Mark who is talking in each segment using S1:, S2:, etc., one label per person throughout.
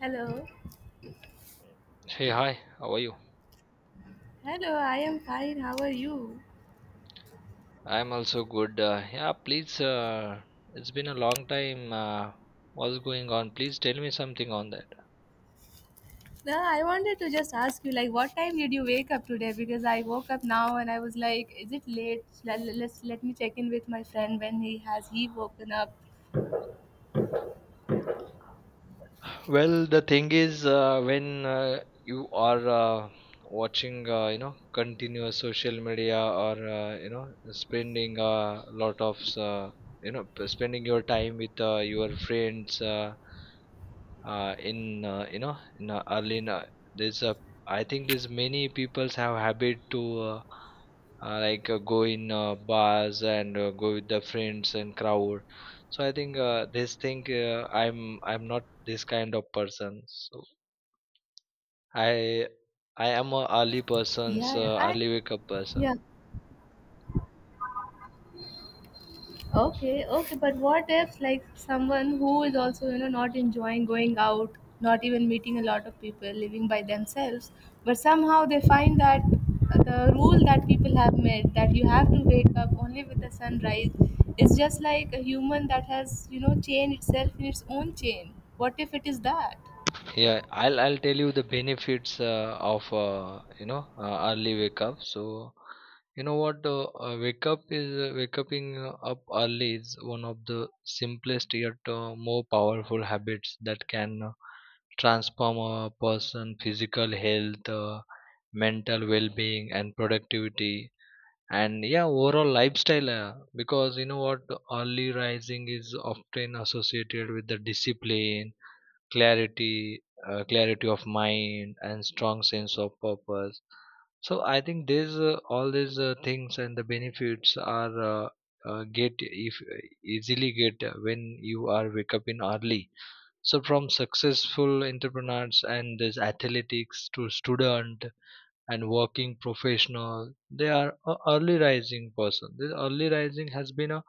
S1: Hello.
S2: Hey, hi, how are you?
S1: Hello, I am fine. How are you?
S2: I'm also good. Yeah, please, it's been a long time. What's going on? Please tell me something on that.
S1: No, I wanted to just ask you, like, what time did you wake up today? Because I woke up now and I was like, is it late? Let me check in with my friend when he has he woken up.
S2: Well, the thing is, when you are watching, continuous social media or, spending a lot of, p- spending your time with your friends. In you know in early in, there's a I think there's many peoples have habit to go in bars and go with the friends and crowd, so I think this thing I'm not this kind of person. So i I am a early person's,
S1: Yeah, yeah. I
S2: early wake up person.
S1: yeah. Okay, okay, but what if like someone who is also, you know, not enjoying going out, not even meeting a lot of people, living by themselves, but somehow they find that the rule that people have made that you have to wake up only with the sunrise is just like a human that has, you know, chained itself in its own chain. What if it is that?
S2: Yeah, I'll tell you the benefits of early wake up. So you know what, wake up is waking up early is one of the simplest yet more powerful habits that can transform a person physical health, mental well-being and productivity, and yeah, overall lifestyle. Because you know what, early rising is often associated with the discipline, clarity, clarity of mind and strong sense of purpose. So I think these all these things and the benefits are get if easily get when you are wake up in early. So from successful entrepreneurs and these athletics to student and working professional, they are a early rising person. This early rising has been a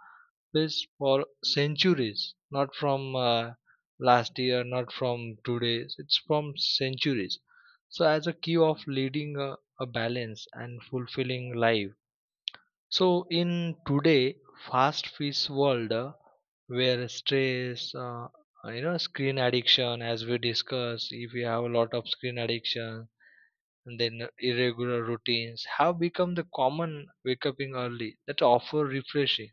S2: place for centuries, not from last year, not from today, it's from centuries. So, as a key of leading a balance and fulfilling life. So, in today fast paced world, where stress, screen addiction, as we discussed, if you have a lot of screen addiction, and then irregular routines have become the common wake up in early that offer refreshing,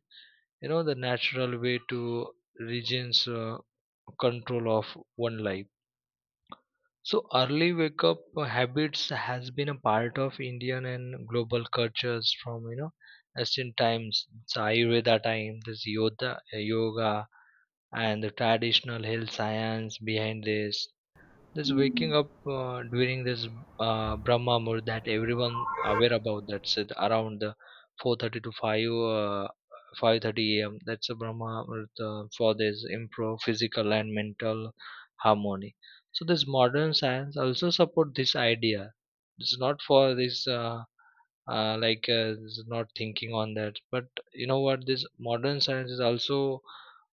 S2: you know, the natural way to regains control of one life. So early wake up habits has been a part of indian and global cultures from, you know, ancient times. It's ayurveda time, this yoga, yoga, and the traditional health science behind this, this waking up during this Brahma Muhurt that everyone aware about, that's it around the 4:30 to 5, 5:30 a.m. That's a Brahma Muhurt for this improve physical and mental harmony. So this modern science also support this idea. It's not for this, this is not thinking on that, but you know what? This modern science is also,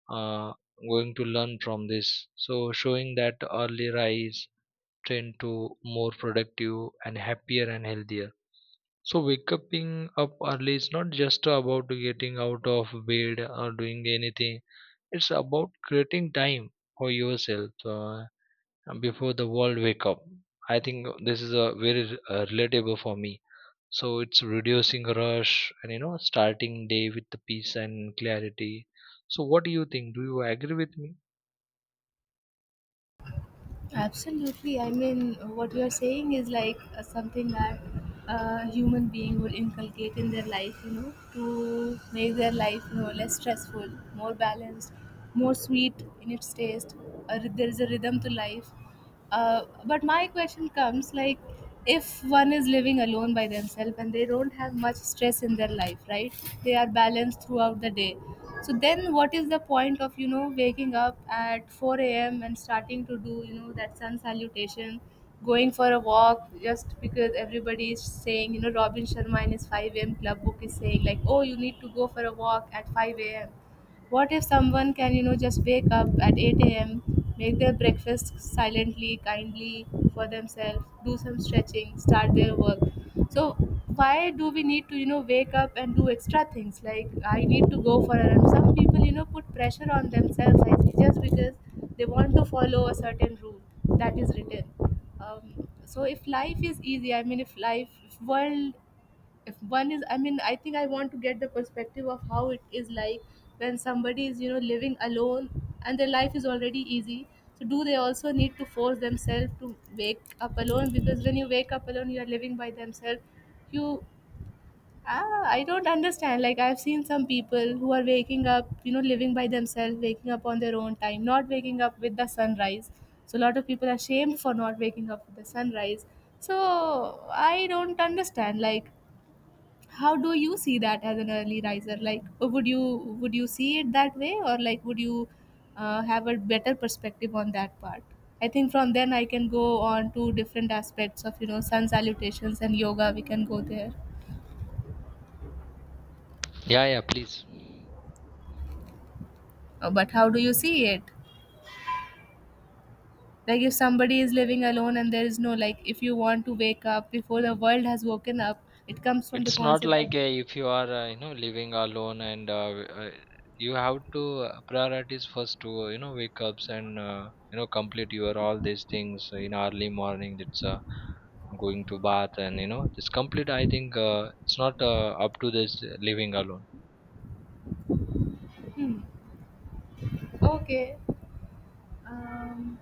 S2: uh, going to learn from this. So showing that early rise trend to more productive and happier and healthier. So waking up early is not just about getting out of bed or doing anything. It's about creating time for yourself before the world wake up. I think this is a very relatable for me. So it's reducing rush and, you know, starting day with the peace and clarity. So what do you think? Do you agree with me?
S1: Absolutely. I mean, what you're saying is like something that a human being would inculcate in their life, you know, to make their life, you know, less stressful, more balanced, more sweet in its taste. There is a rhythm to life. But my question comes like, if one is living alone by themselves and they don't have much stress in their life, right, they are balanced throughout the day, so then what is the point of, you know, waking up at 4 a.m. and starting to do, you know, that sun salutation, going for a walk just because everybody is saying, you know, Robin Sharma in his 5 a.m. club book is saying like, oh, you need to go for a walk at 5 a.m.? What if someone can, you know, just wake up at 8 a.m., make their breakfast silently, kindly for themselves, do some stretching, start their work? So, why do we need to, you know, wake up and do extra things? Like, I need to go for a run. Some people, you know, put pressure on themselves, I see, just because they want to follow a certain rule that is written. So if life is easy, I mean if life, if world, if one is, I mean, I think I want to get the perspective of how it is like when somebody is, you know, living alone and their life is already easy, so do they also need to force themselves to wake up alone? Because when you wake up alone, you are living by themselves. You I don't understand, like, I've seen some people who are waking up, you know, living by themselves, waking up on their own time, not waking up with the sunrise. So a lot of people are shamed for not waking up with the sunrise. So I don't understand, like, how do you see that as an early riser? Like, would you, would you see it that way, or like would you have a better perspective on that part? I think from then I can go on to different aspects of, you know, sun salutations and yoga. We can go there.
S2: Yeah, yeah, please.
S1: But how do you see it? Like if somebody is living alone and there is no, like if you want to wake up before the world has woken up, it comes from the
S2: It's not
S1: concept that.
S2: like, if you are, living alone and you have to priorities first to, wake ups and, complete your all these things in early morning. That's going to bath and, you know, it's complete. I think it's not up to this living alone.
S1: Okay. um,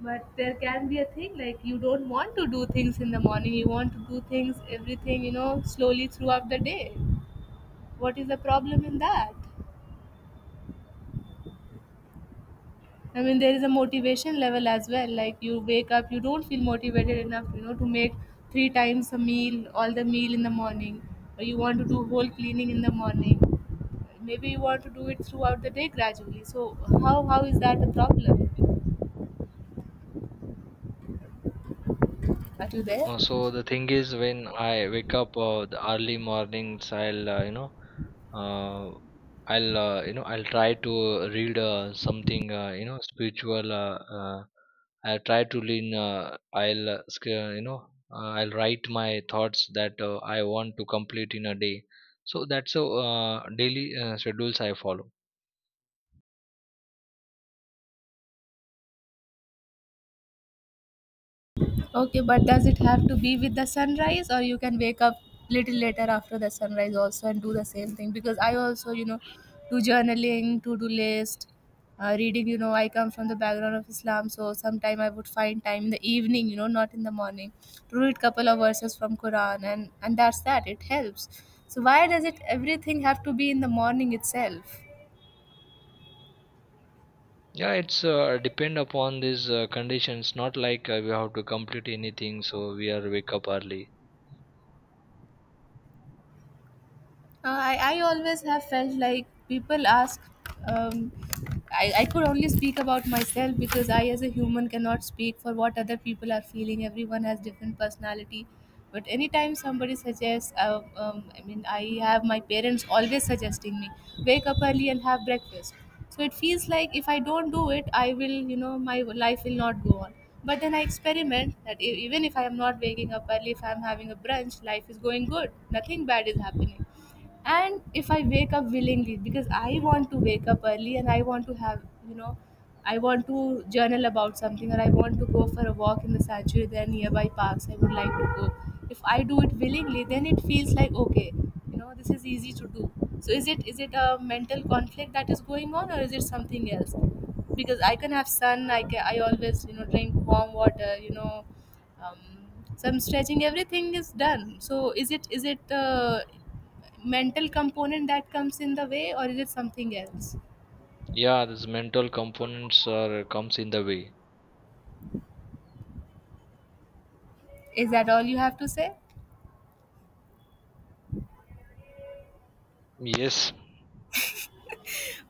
S1: but there can be a thing like you don't want to do things in the morning, you want to do things, everything, you know, slowly throughout the day. What is the problem in that? I mean, there is a motivation level as well, like you wake up, you don't feel motivated enough, you know, to make three times a meal, all the meal in the morning, or you want to do whole cleaning in the morning. Maybe you want to do it throughout the day gradually. So how is that a problem? Are you there?
S2: So the thing is, when I wake up the early mornings, I'll uh, I'll I'll try to read something you know spiritual. I'll try to lean. I'll I'll write my thoughts that I want to complete in a day. So that's, so daily schedules I follow.
S1: Okay, but does it have to be with the sunrise, or you can wake up little later after the sunrise also and do the same thing? Because I also, you know, do journaling, to-do list, reading, you know, I come from the background of Islam, so sometime I would find time in the evening, you know, not in the morning, to read couple of verses from Quran and that's that. It helps. So why does it everything have to be in the morning itself?
S2: Yeah, it's depend upon these conditions. Not like we have to complete anything, so we are wake up early.
S1: I always have felt like people ask, um, I could only speak about myself because I, as a human, cannot speak for what other people are feeling. Everyone has different personality. But anytime somebody suggests, I mean, I have my parents always suggesting me, wake up early and have breakfast. So it feels like if I don't do it, I will, you know, my life will not go on. But then I experiment that, even if I am not waking up early, if I am having a brunch, life is going good. Nothing bad is happening. And if I wake up willingly because I want to wake up early and I want to have, you know, I want to journal about something, or I want to go for a walk in the sanctuary, there are nearby parks I would like to go, if I do it willingly, then it feels like, okay, you know, this is easy to do. So is it, is it a mental conflict that is going on, or is it something else? Because I can have sun, I always, you know, drink warm water, you know, um, some stretching, everything is done. So is it, is it mental component that comes in the way, or is it something else?
S2: Yeah, this mental components are comes in the way.
S1: Is that all you have to say?
S2: Yes.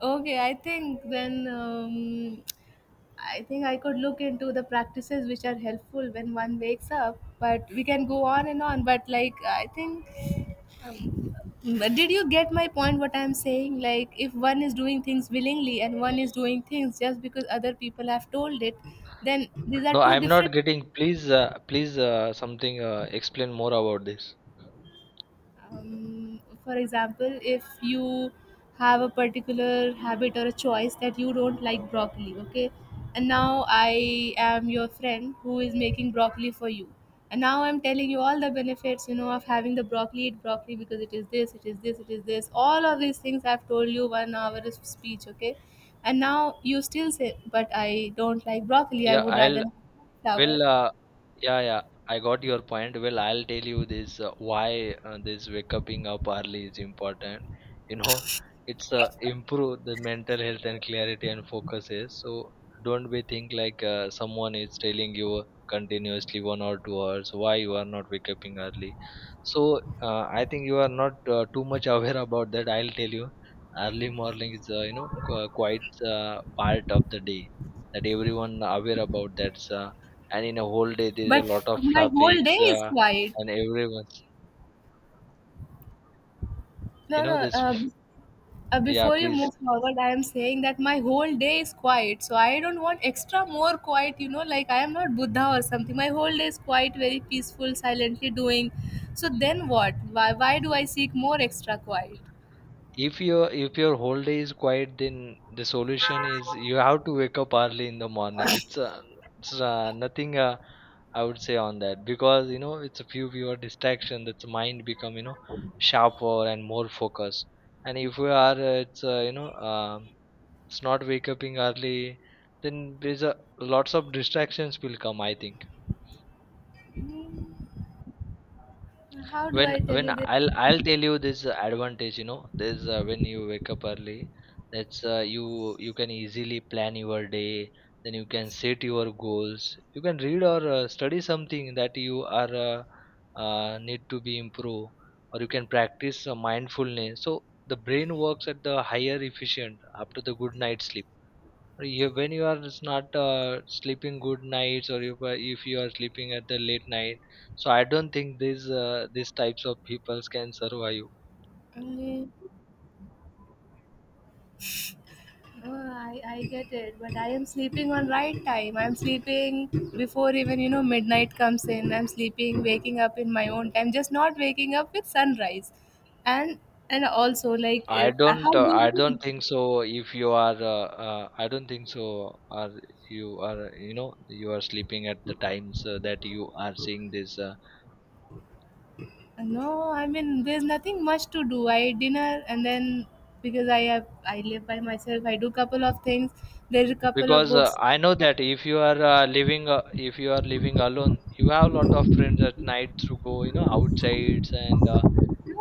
S1: Okay, I think then, I think I could look into the practices which are helpful when one wakes up, but we can go on and on, but like, I think, but did you get my point what I'm saying? Like if one is doing things willingly and one is doing things just because other people have told it, then these are
S2: No,
S1: two
S2: I'm
S1: different.
S2: not getting. Please, please, something. Explain more about this.
S1: For example, if you have a particular habit or a choice that you don't like broccoli, okay, and now I am your friend who is making broccoli for you, and now I'm telling you all the benefits, you know, of having the broccoli, eat broccoli because it is this, it is this, it is this, all of these things I've told you, 1 hour of speech, okay, and now you still say, but I don't like broccoli, I
S2: Yeah,
S1: would
S2: I'll
S1: rather have flower.
S2: will. Yeah, yeah, I got your point. Well, I'll tell you this why this waking up early is important. You know, it's improve the mental health and clarity and focuses. So don't be think like someone is telling you continuously 1 or 2 hours why you are not waking up early. So I think you are not too much aware about that. I'll tell you, early morning is you know qu- quite part of the day that everyone aware about that. And in a whole day there's a
S1: But
S2: lot of
S1: my whole
S2: traffics,
S1: day is quiet.
S2: and everyone's,
S1: No
S2: you know,
S1: no
S2: this f- yeah
S1: Before you
S2: please.
S1: move forward, I am saying that my whole day is quiet. So I don't want extra more quiet, you know, like I am not Buddha or something. My whole day is quiet, very peaceful, silently doing. So then what? Why do I seek more extra quiet?
S2: If your whole day is quiet, then the solution is you have to wake up early in the morning. It's nothing I would say on that, because you know it's a fewer distraction, that's mind become, you know, sharper and more focused. And if we are it's you know it's not wake up in early, then there's a lots of distractions will come, I think.
S1: How do
S2: When
S1: I tell
S2: when
S1: you this?
S2: I'll tell you this advantage, you know, there's when you wake up early, that's you, you can easily plan your day. Then you can set your goals. You can read or study something that you are need to be improved, or you can practice mindfulness. So the brain works at the higher efficient after the good night's sleep. Or you, when you are s- not sleeping good nights, or if you are sleeping at the late night, so I don't think these types of peoples can survive.
S1: Mm. Oh, I get it, but I am sleeping on right time. I'm sleeping before even, you know, midnight comes in. I'm sleeping, waking up in my own time, just not waking up with sunrise. And and also like
S2: i
S1: if, how
S2: don't
S1: do
S2: uh,
S1: you
S2: i
S1: live?
S2: don't think so if you are I don't think so are you know you are sleeping at the times that you are seeing this
S1: No, I mean there's nothing much to do. I eat dinner, and then because I have, I live by myself, I do couple of things. There's a couple of
S2: because
S1: books.
S2: I know that if you are living if you are living alone, you have a lot of friends at night to go, you know, outsides and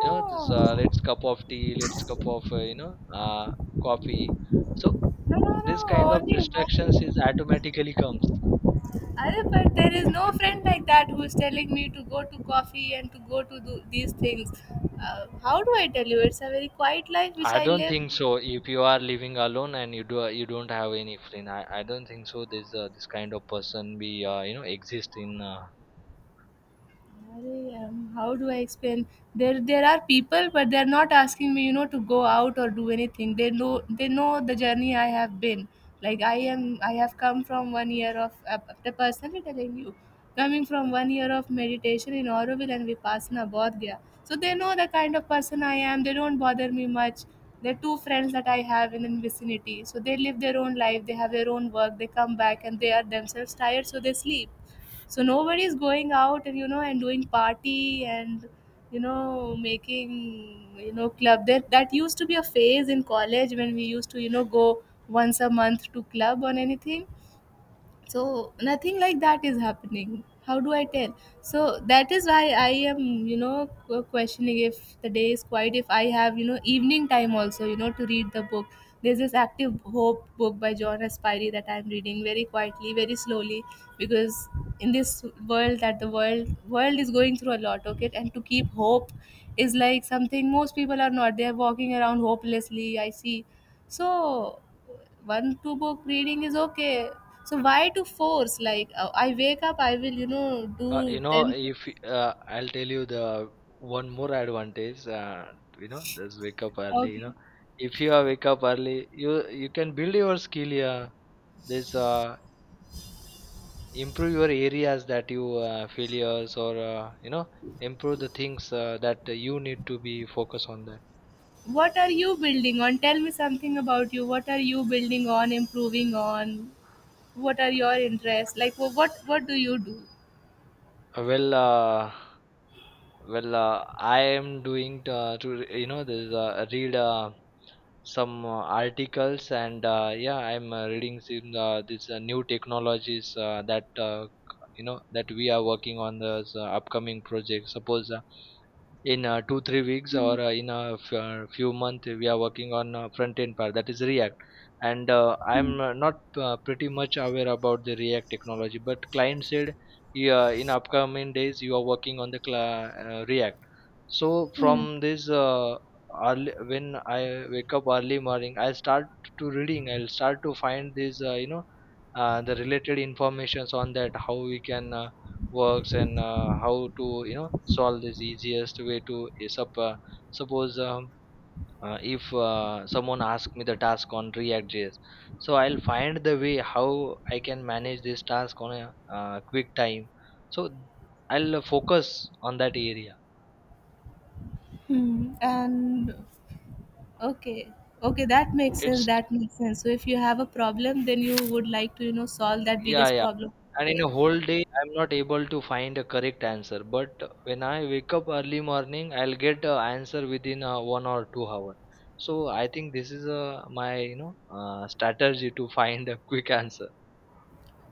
S2: you know this let's cup of tea, let's cup of coffee, so
S1: no, no, no.
S2: this kind of
S1: Only one.
S2: distractions is automatically comes.
S1: Arey, but there is no friend like that who is telling me to go to coffee and to go to do these things. How do I tell you? It's a very quiet life which
S2: I
S1: I
S2: don't
S1: live.
S2: think so if you are living alone and you do you don't have any friend, I don't think so this this kind of person be you know exist in,
S1: Arey, how do I explain? There are people, but they're not asking me, you know, to go out or do anything. They know the journey I have been. Like I am, I have come from 1 year of. The personally telling you, coming from 1 year of meditation in Auroville and Vipassana Bodh Gaya. So they know the kind of person I am. They don't bother me much. They're two friends that I have in the vicinity. So they live their own life. They have their own work. They come back and they are themselves tired, so they sleep. So nobody is going out and and doing party and making, club that used to be a phase in college when we used to go once a month to club or anything. So nothing like that is happening. How do I tell? So that is why I am questioning if the day is quiet, if I have evening time also, to read the book. There's this Active Hope book by John Aspire that I'm reading very quietly, very slowly, because in this world that the world is going through a lot, okay, and to keep hope is like something most people are not. They're walking around hopelessly, I see. So one two book reading is okay. So why to force? Like I wake up, I will
S2: you
S1: do
S2: know
S1: ten.
S2: if y- I'll tell you the one more advantage you know just wake up early, you
S1: Okay,
S2: know. If you are wake up early, you can build your skill here, this improve your areas that you failures or you know improve the things that you need to be focused on that.
S1: what are you building on? Tell me something about you. What are you building on? Improving on? What are your interests? Like what do you do?
S2: Well, I am doing to you know this read some articles and yeah, I'm reading some these new technologies that you know that we are working on the upcoming project. Suppose in 2 3 weeks or in a few months we are working on front end part, that is React. And I'm not pretty much aware about the React technology, but client said, yeah, in upcoming days you are working on the react. So
S1: Hmm.
S2: from this early when I wake up early morning, I start to reading, I'll start to find these the related informations on that, how we can works and how to, you know, solve this easiest way to suppose if someone asks me the task on react.js, so I'll find the way how I can manage this task on a quick time. So I'll focus on that area.
S1: Hmm. And okay, okay, that makes sense.
S2: It's,
S1: That makes sense. So if you have a problem, then you would like to solve that
S2: yeah,
S1: biggest
S2: yeah,
S1: problem.
S2: and in a whole day I'm not able to find a correct answer, but when I wake up early morning, I'll get a answer within 1 or 2 hour. So I think this is my, you know, strategy to find a quick answer.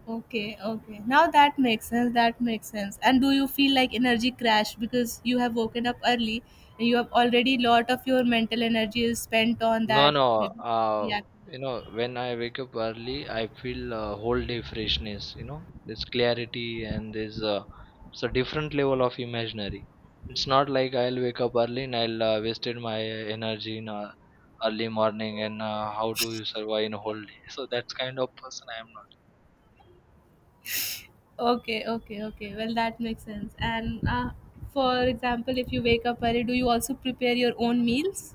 S1: Okay, okay. Now that makes sense. That makes sense. And do you feel like energy crash because you have woken up early and you have already lot of your mental energy is spent on
S2: No,
S1: that, maybe
S2: no.
S1: reaction?
S2: You know, when I wake up early, I feel a whole day freshness. You know, there's clarity and there's a, it's a different level of imaginary. It's not like I'll wake up early and I'll wasted my energy in early morning and how do you survive in a whole day? So that's kind of person I am not.
S1: Okay, okay, okay. Well, that makes sense. And for example, if you wake up early, do you also prepare your own meals?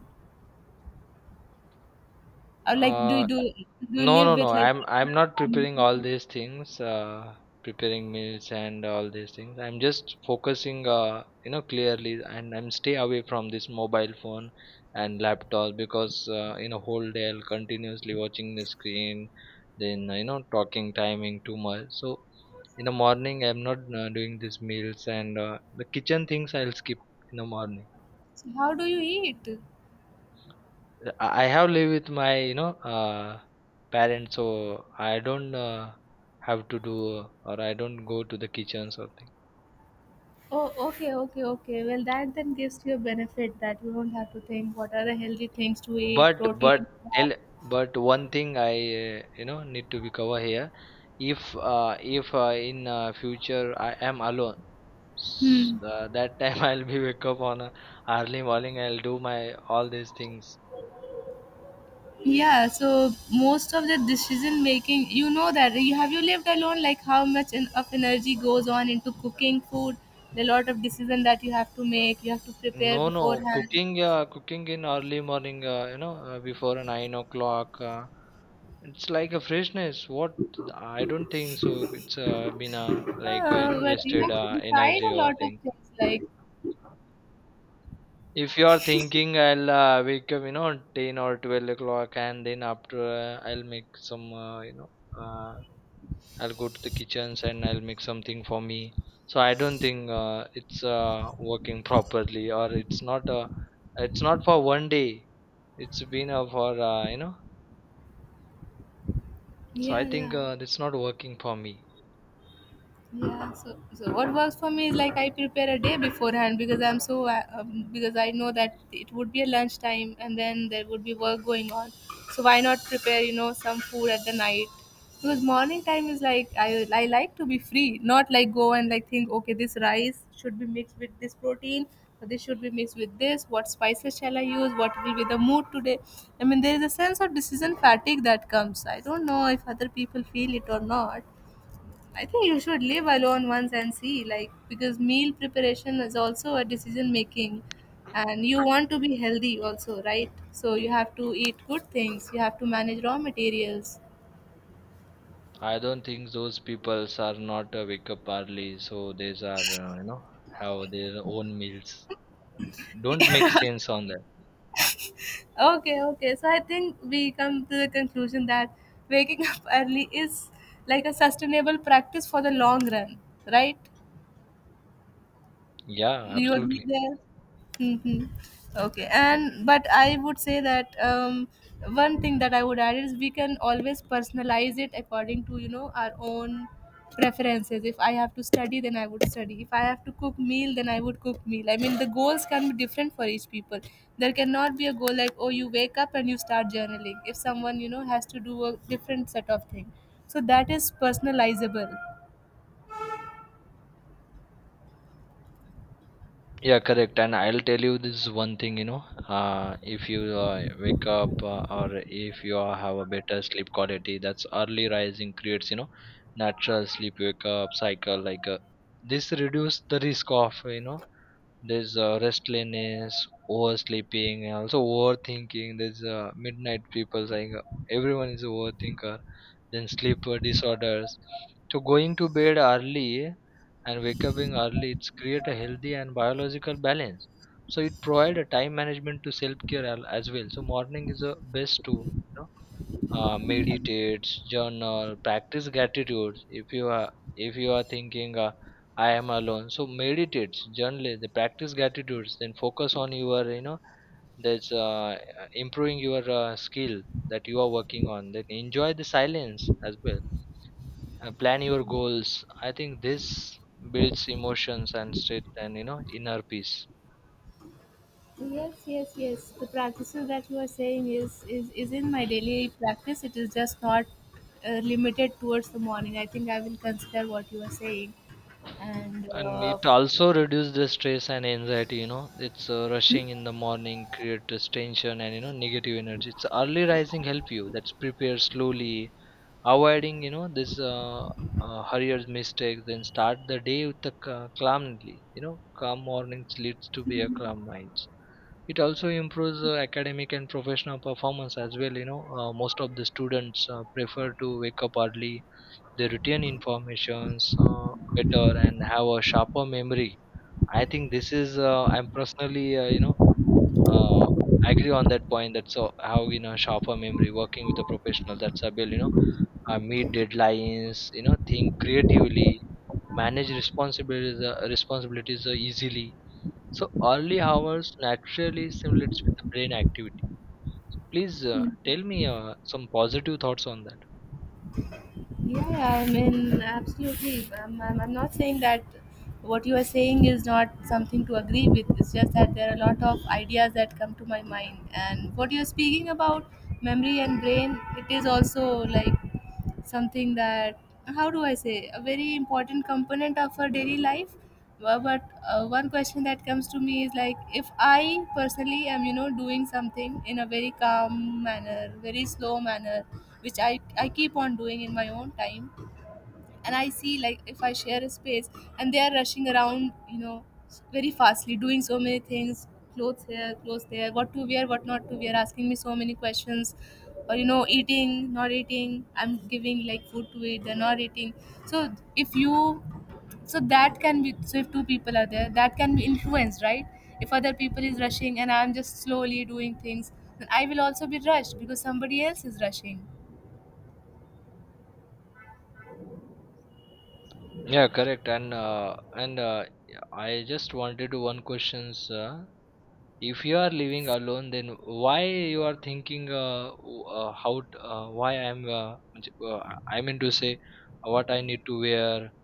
S1: Or like, do you
S2: Uh,
S1: do, do you
S2: No,
S1: live
S2: no, no.
S1: with like
S2: I'm
S1: partner,
S2: not preparing all
S1: family?
S2: these things, preparing meals and all these things. I'm just focusing, you know, clearly, and I'm stay away from this mobile phone and laptop because you know whole day I'll continuously watching the screen, then you know talking timing too much. So in the morning I'm not doing these meals and the kitchen things I'll skip in the morning.
S1: So how do you eat?
S2: I have lived with my, you know, parents, so I don't have to do or I don't go to the kitchen or something.
S1: Oh, okay, okay, okay. Well, that then gives you a benefit that you don't have to think what are the healthy things to eat,
S2: But
S1: protein,
S2: but
S1: carb.
S2: tell but one thing I you know need to be cover here. If in future I am alone,
S1: Hmm.
S2: that time I'll be wake up on a early morning. I'll do my all these things.
S1: Yeah. So most of the decision making, that you have, you lived alone. Like how much in, of energy goes on into cooking food, the lot of decision that you have to make, you have to prepare
S2: No, no.
S1: beforehand.
S2: Cooking, cooking in early morning, before 9 o'clock. It's like a freshness. What? I don't think so. It's been like, you know,
S1: But you
S2: wasted
S1: have to decide
S2: energy
S1: a
S2: or
S1: lot of
S2: things.
S1: things. Like,
S2: If you are thinking I'll wake up, you know, 10 or 12 o'clock and then after I'll make some, uh, I'll go to the kitchens and I'll make something for me. So I don't think it's working properly, or it's not for 1 day. It's been for you know. So I
S1: yeah,
S2: think
S1: yeah.
S2: it's not working for me.
S1: Yeah, so what works for me is like I prepare a day beforehand because I'm so because I know that it would be a lunchtime and then there would be work going on. So why not prepare some food at the night? Because morning time is like I like to be free, not like go and like think, okay, this rice should be mixed with this protein or this should be mixed with this. What spices shall I use? What will be the mood today? I mean there is a sense of decision fatigue that comes. I don't know if other people feel it or not. I think you should live alone once and see, like, because meal preparation is also a decision making, and you want to be healthy also, right? So you have to eat good things, you have to manage raw materials.
S2: I don't think those peoples are not wake up early, so they are you know have their own meals. Don't make sense on that.
S1: Okay, okay. So I think we come to the conclusion that waking up early is like a sustainable practice for the long run, right?
S2: Yeah,
S1: You agree
S2: absolutely.
S1: there. Hmm. Okay, and but I would say that, one thing that I would add is we can always personalize it according to our own preferences. If I have to study then I would study, if I have to cook meal then I would cook meal. I mean the goals can be different for each people. There cannot be a goal like, oh, you wake up and you start journaling if someone has to do a different set of thing. So that is personalizable.
S2: Yeah, correct. And I'll tell you this one thing, you know. If you wake up or if you are- have a better sleep quality, that's early rising creates, you know, natural sleep wake up cycle. This reduce the risk of, you know, there's restlessness, oversleeping, and also overthinking. There's midnight people saying everyone is a overthinker. Then sleep disorders. So going to bed early and wake up in early, it's create a healthy and biological balance. So it provide a time management to self care as well. So morning is the best too meditates, journal, practice gratitude. If you are thinking I am alone, so meditate, journal, the practice gratitude, then focus on your you know that's improving your skill that you are working on. Then enjoy the silence as well. And plan your goals. I think this builds emotions and strength and you know inner peace.
S1: Yes, yes, yes. The practices that you are saying is is in my daily practice. It is just not limited towards the morning. I think I will consider what you are saying. And
S2: And it also reduces the stress and anxiety, you know. It's
S1: hmm?
S2: rushing in the morning creates tension and you know negative energy. It's early rising help you. That's prepare slowly, avoiding you know this hurried mistakes. Then start the day with the calmly. You know, calm mornings leads to be a calm minds. It also improves academic and professional performance as well. You know, most of the students prefer to wake up early. They retain informations better and have a sharper memory. I think this is I'm personally you know uh, agree on that point. That's how you know sharper memory working with a professional that's able you know meet deadlines, you know, think creatively, manage responsibilities, easily. So early hours naturally simulates with the brain activity. So please tell me some positive thoughts on that.
S1: Yeah, yeah, I mean, absolutely. I'm not saying that what you are saying is not something to agree with. It's just that there are a lot of ideas that come to my mind. And what you're speaking about memory and brain, it is also like something that, how do I say, a very important component of our daily life. Well, but one question that comes to me is like if I personally am doing something in a very calm manner, very slow manner, which I keep on doing in my own time. And I see, like, if I share a space and they are rushing around, very fastly doing so many things, clothes here, clothes there, what to wear, what not to wear, asking me so many questions, or eating not eating, I'm giving like food to eat, they're not eating. So if you, so that can be, so if two people are there, that can be influenced, right? If other people is rushing and I'm just slowly doing things, then I will also be rushed because somebody else is rushing.
S2: Yeah, correct. And yeah, I just wanted to one questions. If you are living alone, then why you are thinking w- how t- why I'm j- I mean to say what I need to wear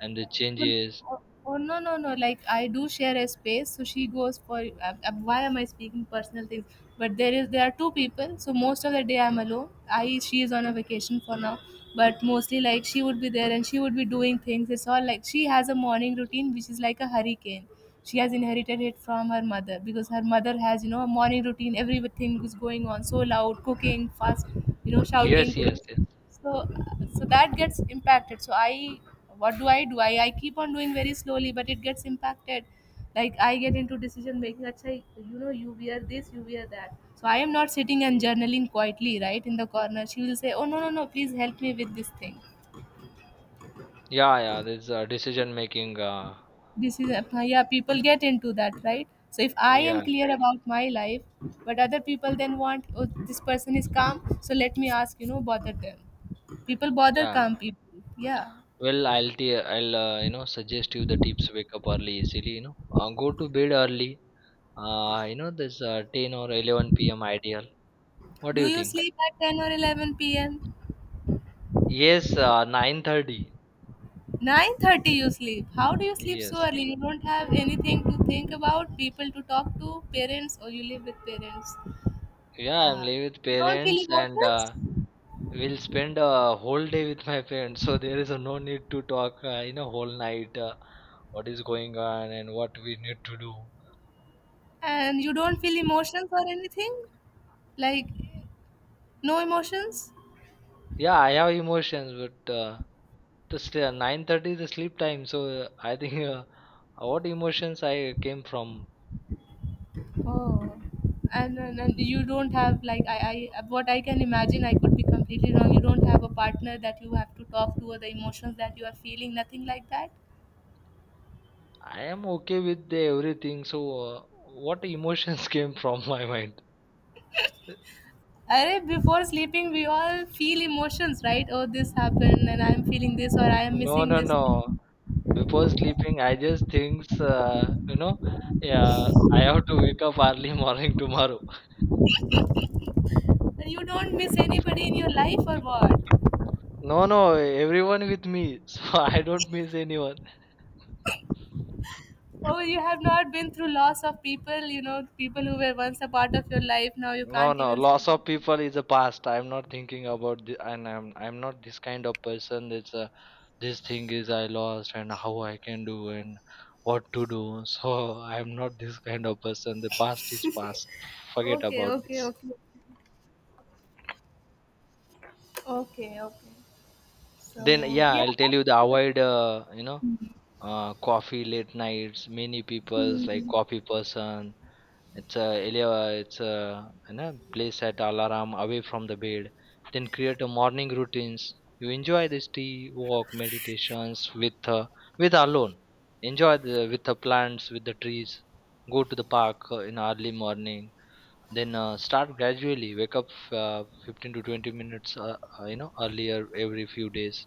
S2: and the
S1: Oh,
S2: changes.
S1: oh, oh, no, no, no. Like, I do share a space, so she goes for. Why am I speaking personal things? But there are two people, so most of the day I'm alone. I She is on a vacation for now, but mostly like she would be there and she would be doing things. It's all like she has a morning routine which is like a hurricane. She has inherited it from her mother because her mother has, a morning routine. Everything is going on so loud, cooking fast, shouting,
S2: Yes,
S1: cooking.
S2: yes, yes.
S1: So so that gets impacted, so I, what do I do? I keep on doing very slowly but it gets impacted. Like I get into decision making. Achha, you know, you wear this, you wear that. So I am not sitting and journaling quietly right in the corner, she will say, oh, no, no, no, please help me with this thing.
S2: Yeah, yeah. There's decision making.
S1: This is, yeah, people get into that, right? So if I am
S2: Yeah,
S1: clear about my life but other people then want, oh, this person is calm, so let me ask, bother them. People bother
S2: yeah.
S1: calm people, yeah.
S2: Well, I'll you know suggest you the tips. Wake up early easily. You know, go to bed early. You know this 10 or 11 p.m. ideal. What do
S1: Do
S2: you
S1: you
S2: think?
S1: sleep at 10 or 11 p.m.?
S2: Yes, 9:30.
S1: 9:30 you sleep. How do you sleep so
S2: Yes.
S1: early? You don't have anything to think about, people to talk to, parents, or you live with parents.
S2: Yeah, I'm
S1: Uh,
S2: living with
S1: you don't feel
S2: parents and
S1: emotions,
S2: we'll spend a whole day with my parents. So there is a no need to talk. You know, whole night. What is going on and what we need to do.
S1: and you don't feel emotions or anything, like no emotions.
S2: Yeah, I have emotions, but 9:30 is the sleep time, so I think what emotions I came from.
S1: Oh, and you don't have like, I, what I can imagine. I could be completely wrong. You don't have a partner that you have to talk to or the emotions that you are feeling. Nothing like that.
S2: I am okay with the everything, so what emotions came from my mind?
S1: Arey, before sleeping, we all feel emotions, right? Oh, this happened, and I'm feeling this, or I am
S2: No,
S1: missing
S2: no,
S1: this
S2: no.
S1: thing.
S2: Before sleeping, I just thinks, yeah, I have to wake up early morning tomorrow.
S1: And you don't miss anybody in your life, or what?
S2: No, no, everyone with me, so I don't miss anyone.
S1: Oh, you have not been through loss of people, you know, people who were once a part of your life, now you
S2: No,
S1: can't
S2: no,
S1: even see
S2: loss
S1: them.
S2: of people is a past. I'm not thinking about the, and I'm not this kind of person. That's this thing is I lost and how I can do and what to do. So I'm not this kind of person. The past is past. Forget
S1: Okay,
S2: about
S1: okay,
S2: this.
S1: okay. Okay, okay.
S2: Then
S1: So,
S2: yeah,
S1: yeah,
S2: I'll tell
S1: I
S2: you the
S1: get your point.
S2: avoid you know coffee late nights. Many people's like
S1: Hmm.
S2: coffee person. It's a it's a you know, place at alarm away from the bed. Then create a morning routines. You enjoy this tea walk meditations with alone. Enjoy the with the plants with the trees. Go to the park in early morning. Then start gradually. Wake up 15 to 20 minutes you know earlier every few days.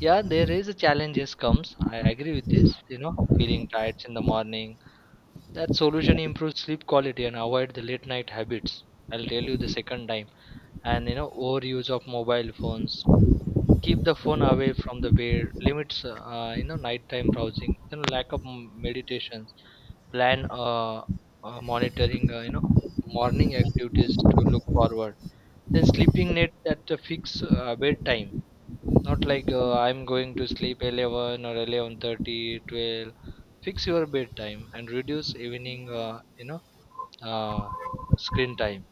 S2: Yeah, there is a challenges comes. I agree with this. You know, feeling tired in the morning. That solution improves sleep quality and avoid the late night habits. I'll tell you the second time. And you know, overuse of mobile phones. Keep the phone away from the bed. Limits, you know, nighttime browsing. You know, lack of meditations. Plan monitoring. You know, morning activities to look forward. Then sleeping net at the fixed bedtime, not like I'm going to sleep 11 or 11:30, 12. Fix your bedtime and reduce evening, uh, screen time.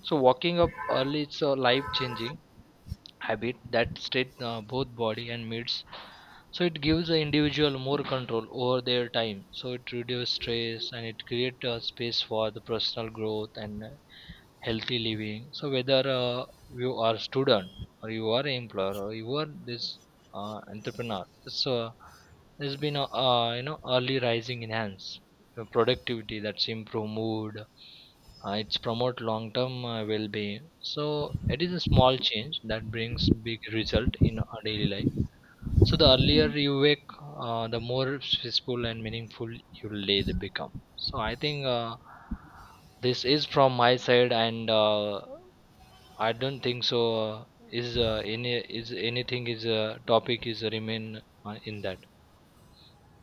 S2: So walking up early is a life-changing habit that state both body and minds. So it gives the individual more control over their time. So it reduces stress and it creates a space for the personal growth and healthy living. So whether you are student or you are employer or you are this entrepreneur, so there's been a you know early rising enhance productivity, that's improve mood. It's promote long term well being. So it is a small change that brings big result in our daily life. So the earlier you wake, the more peaceful and meaningful your day they become. So I think this is from my side, and I don't think so. Is anything is topic is remain in that.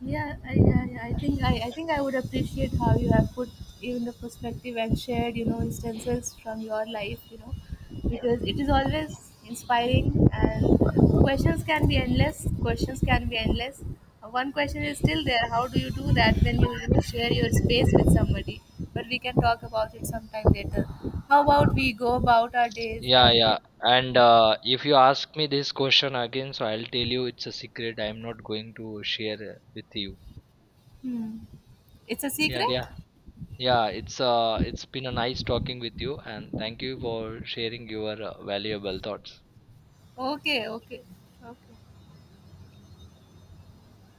S1: Yeah, I think I think I would appreciate how you have put even the perspective and shared, instances from your life. Yeah, because it is always inspiring. And questions can be endless. Questions can be endless. One question is still there. How do you do that when you, share your space with somebody? But we can talk about it sometime later. How about we go about our days
S2: Yeah,
S1: and we
S2: yeah.
S1: can,
S2: And
S1: like,
S2: if you ask me this question again, so I'll tell you it's a secret. I'm not going to share with you.
S1: hmm, it's a
S2: Yeah, yeah.
S1: secret.
S2: Yeah, it's been a nice talking with you and thank you for sharing your valuable thoughts.
S1: Okay, okay, okay.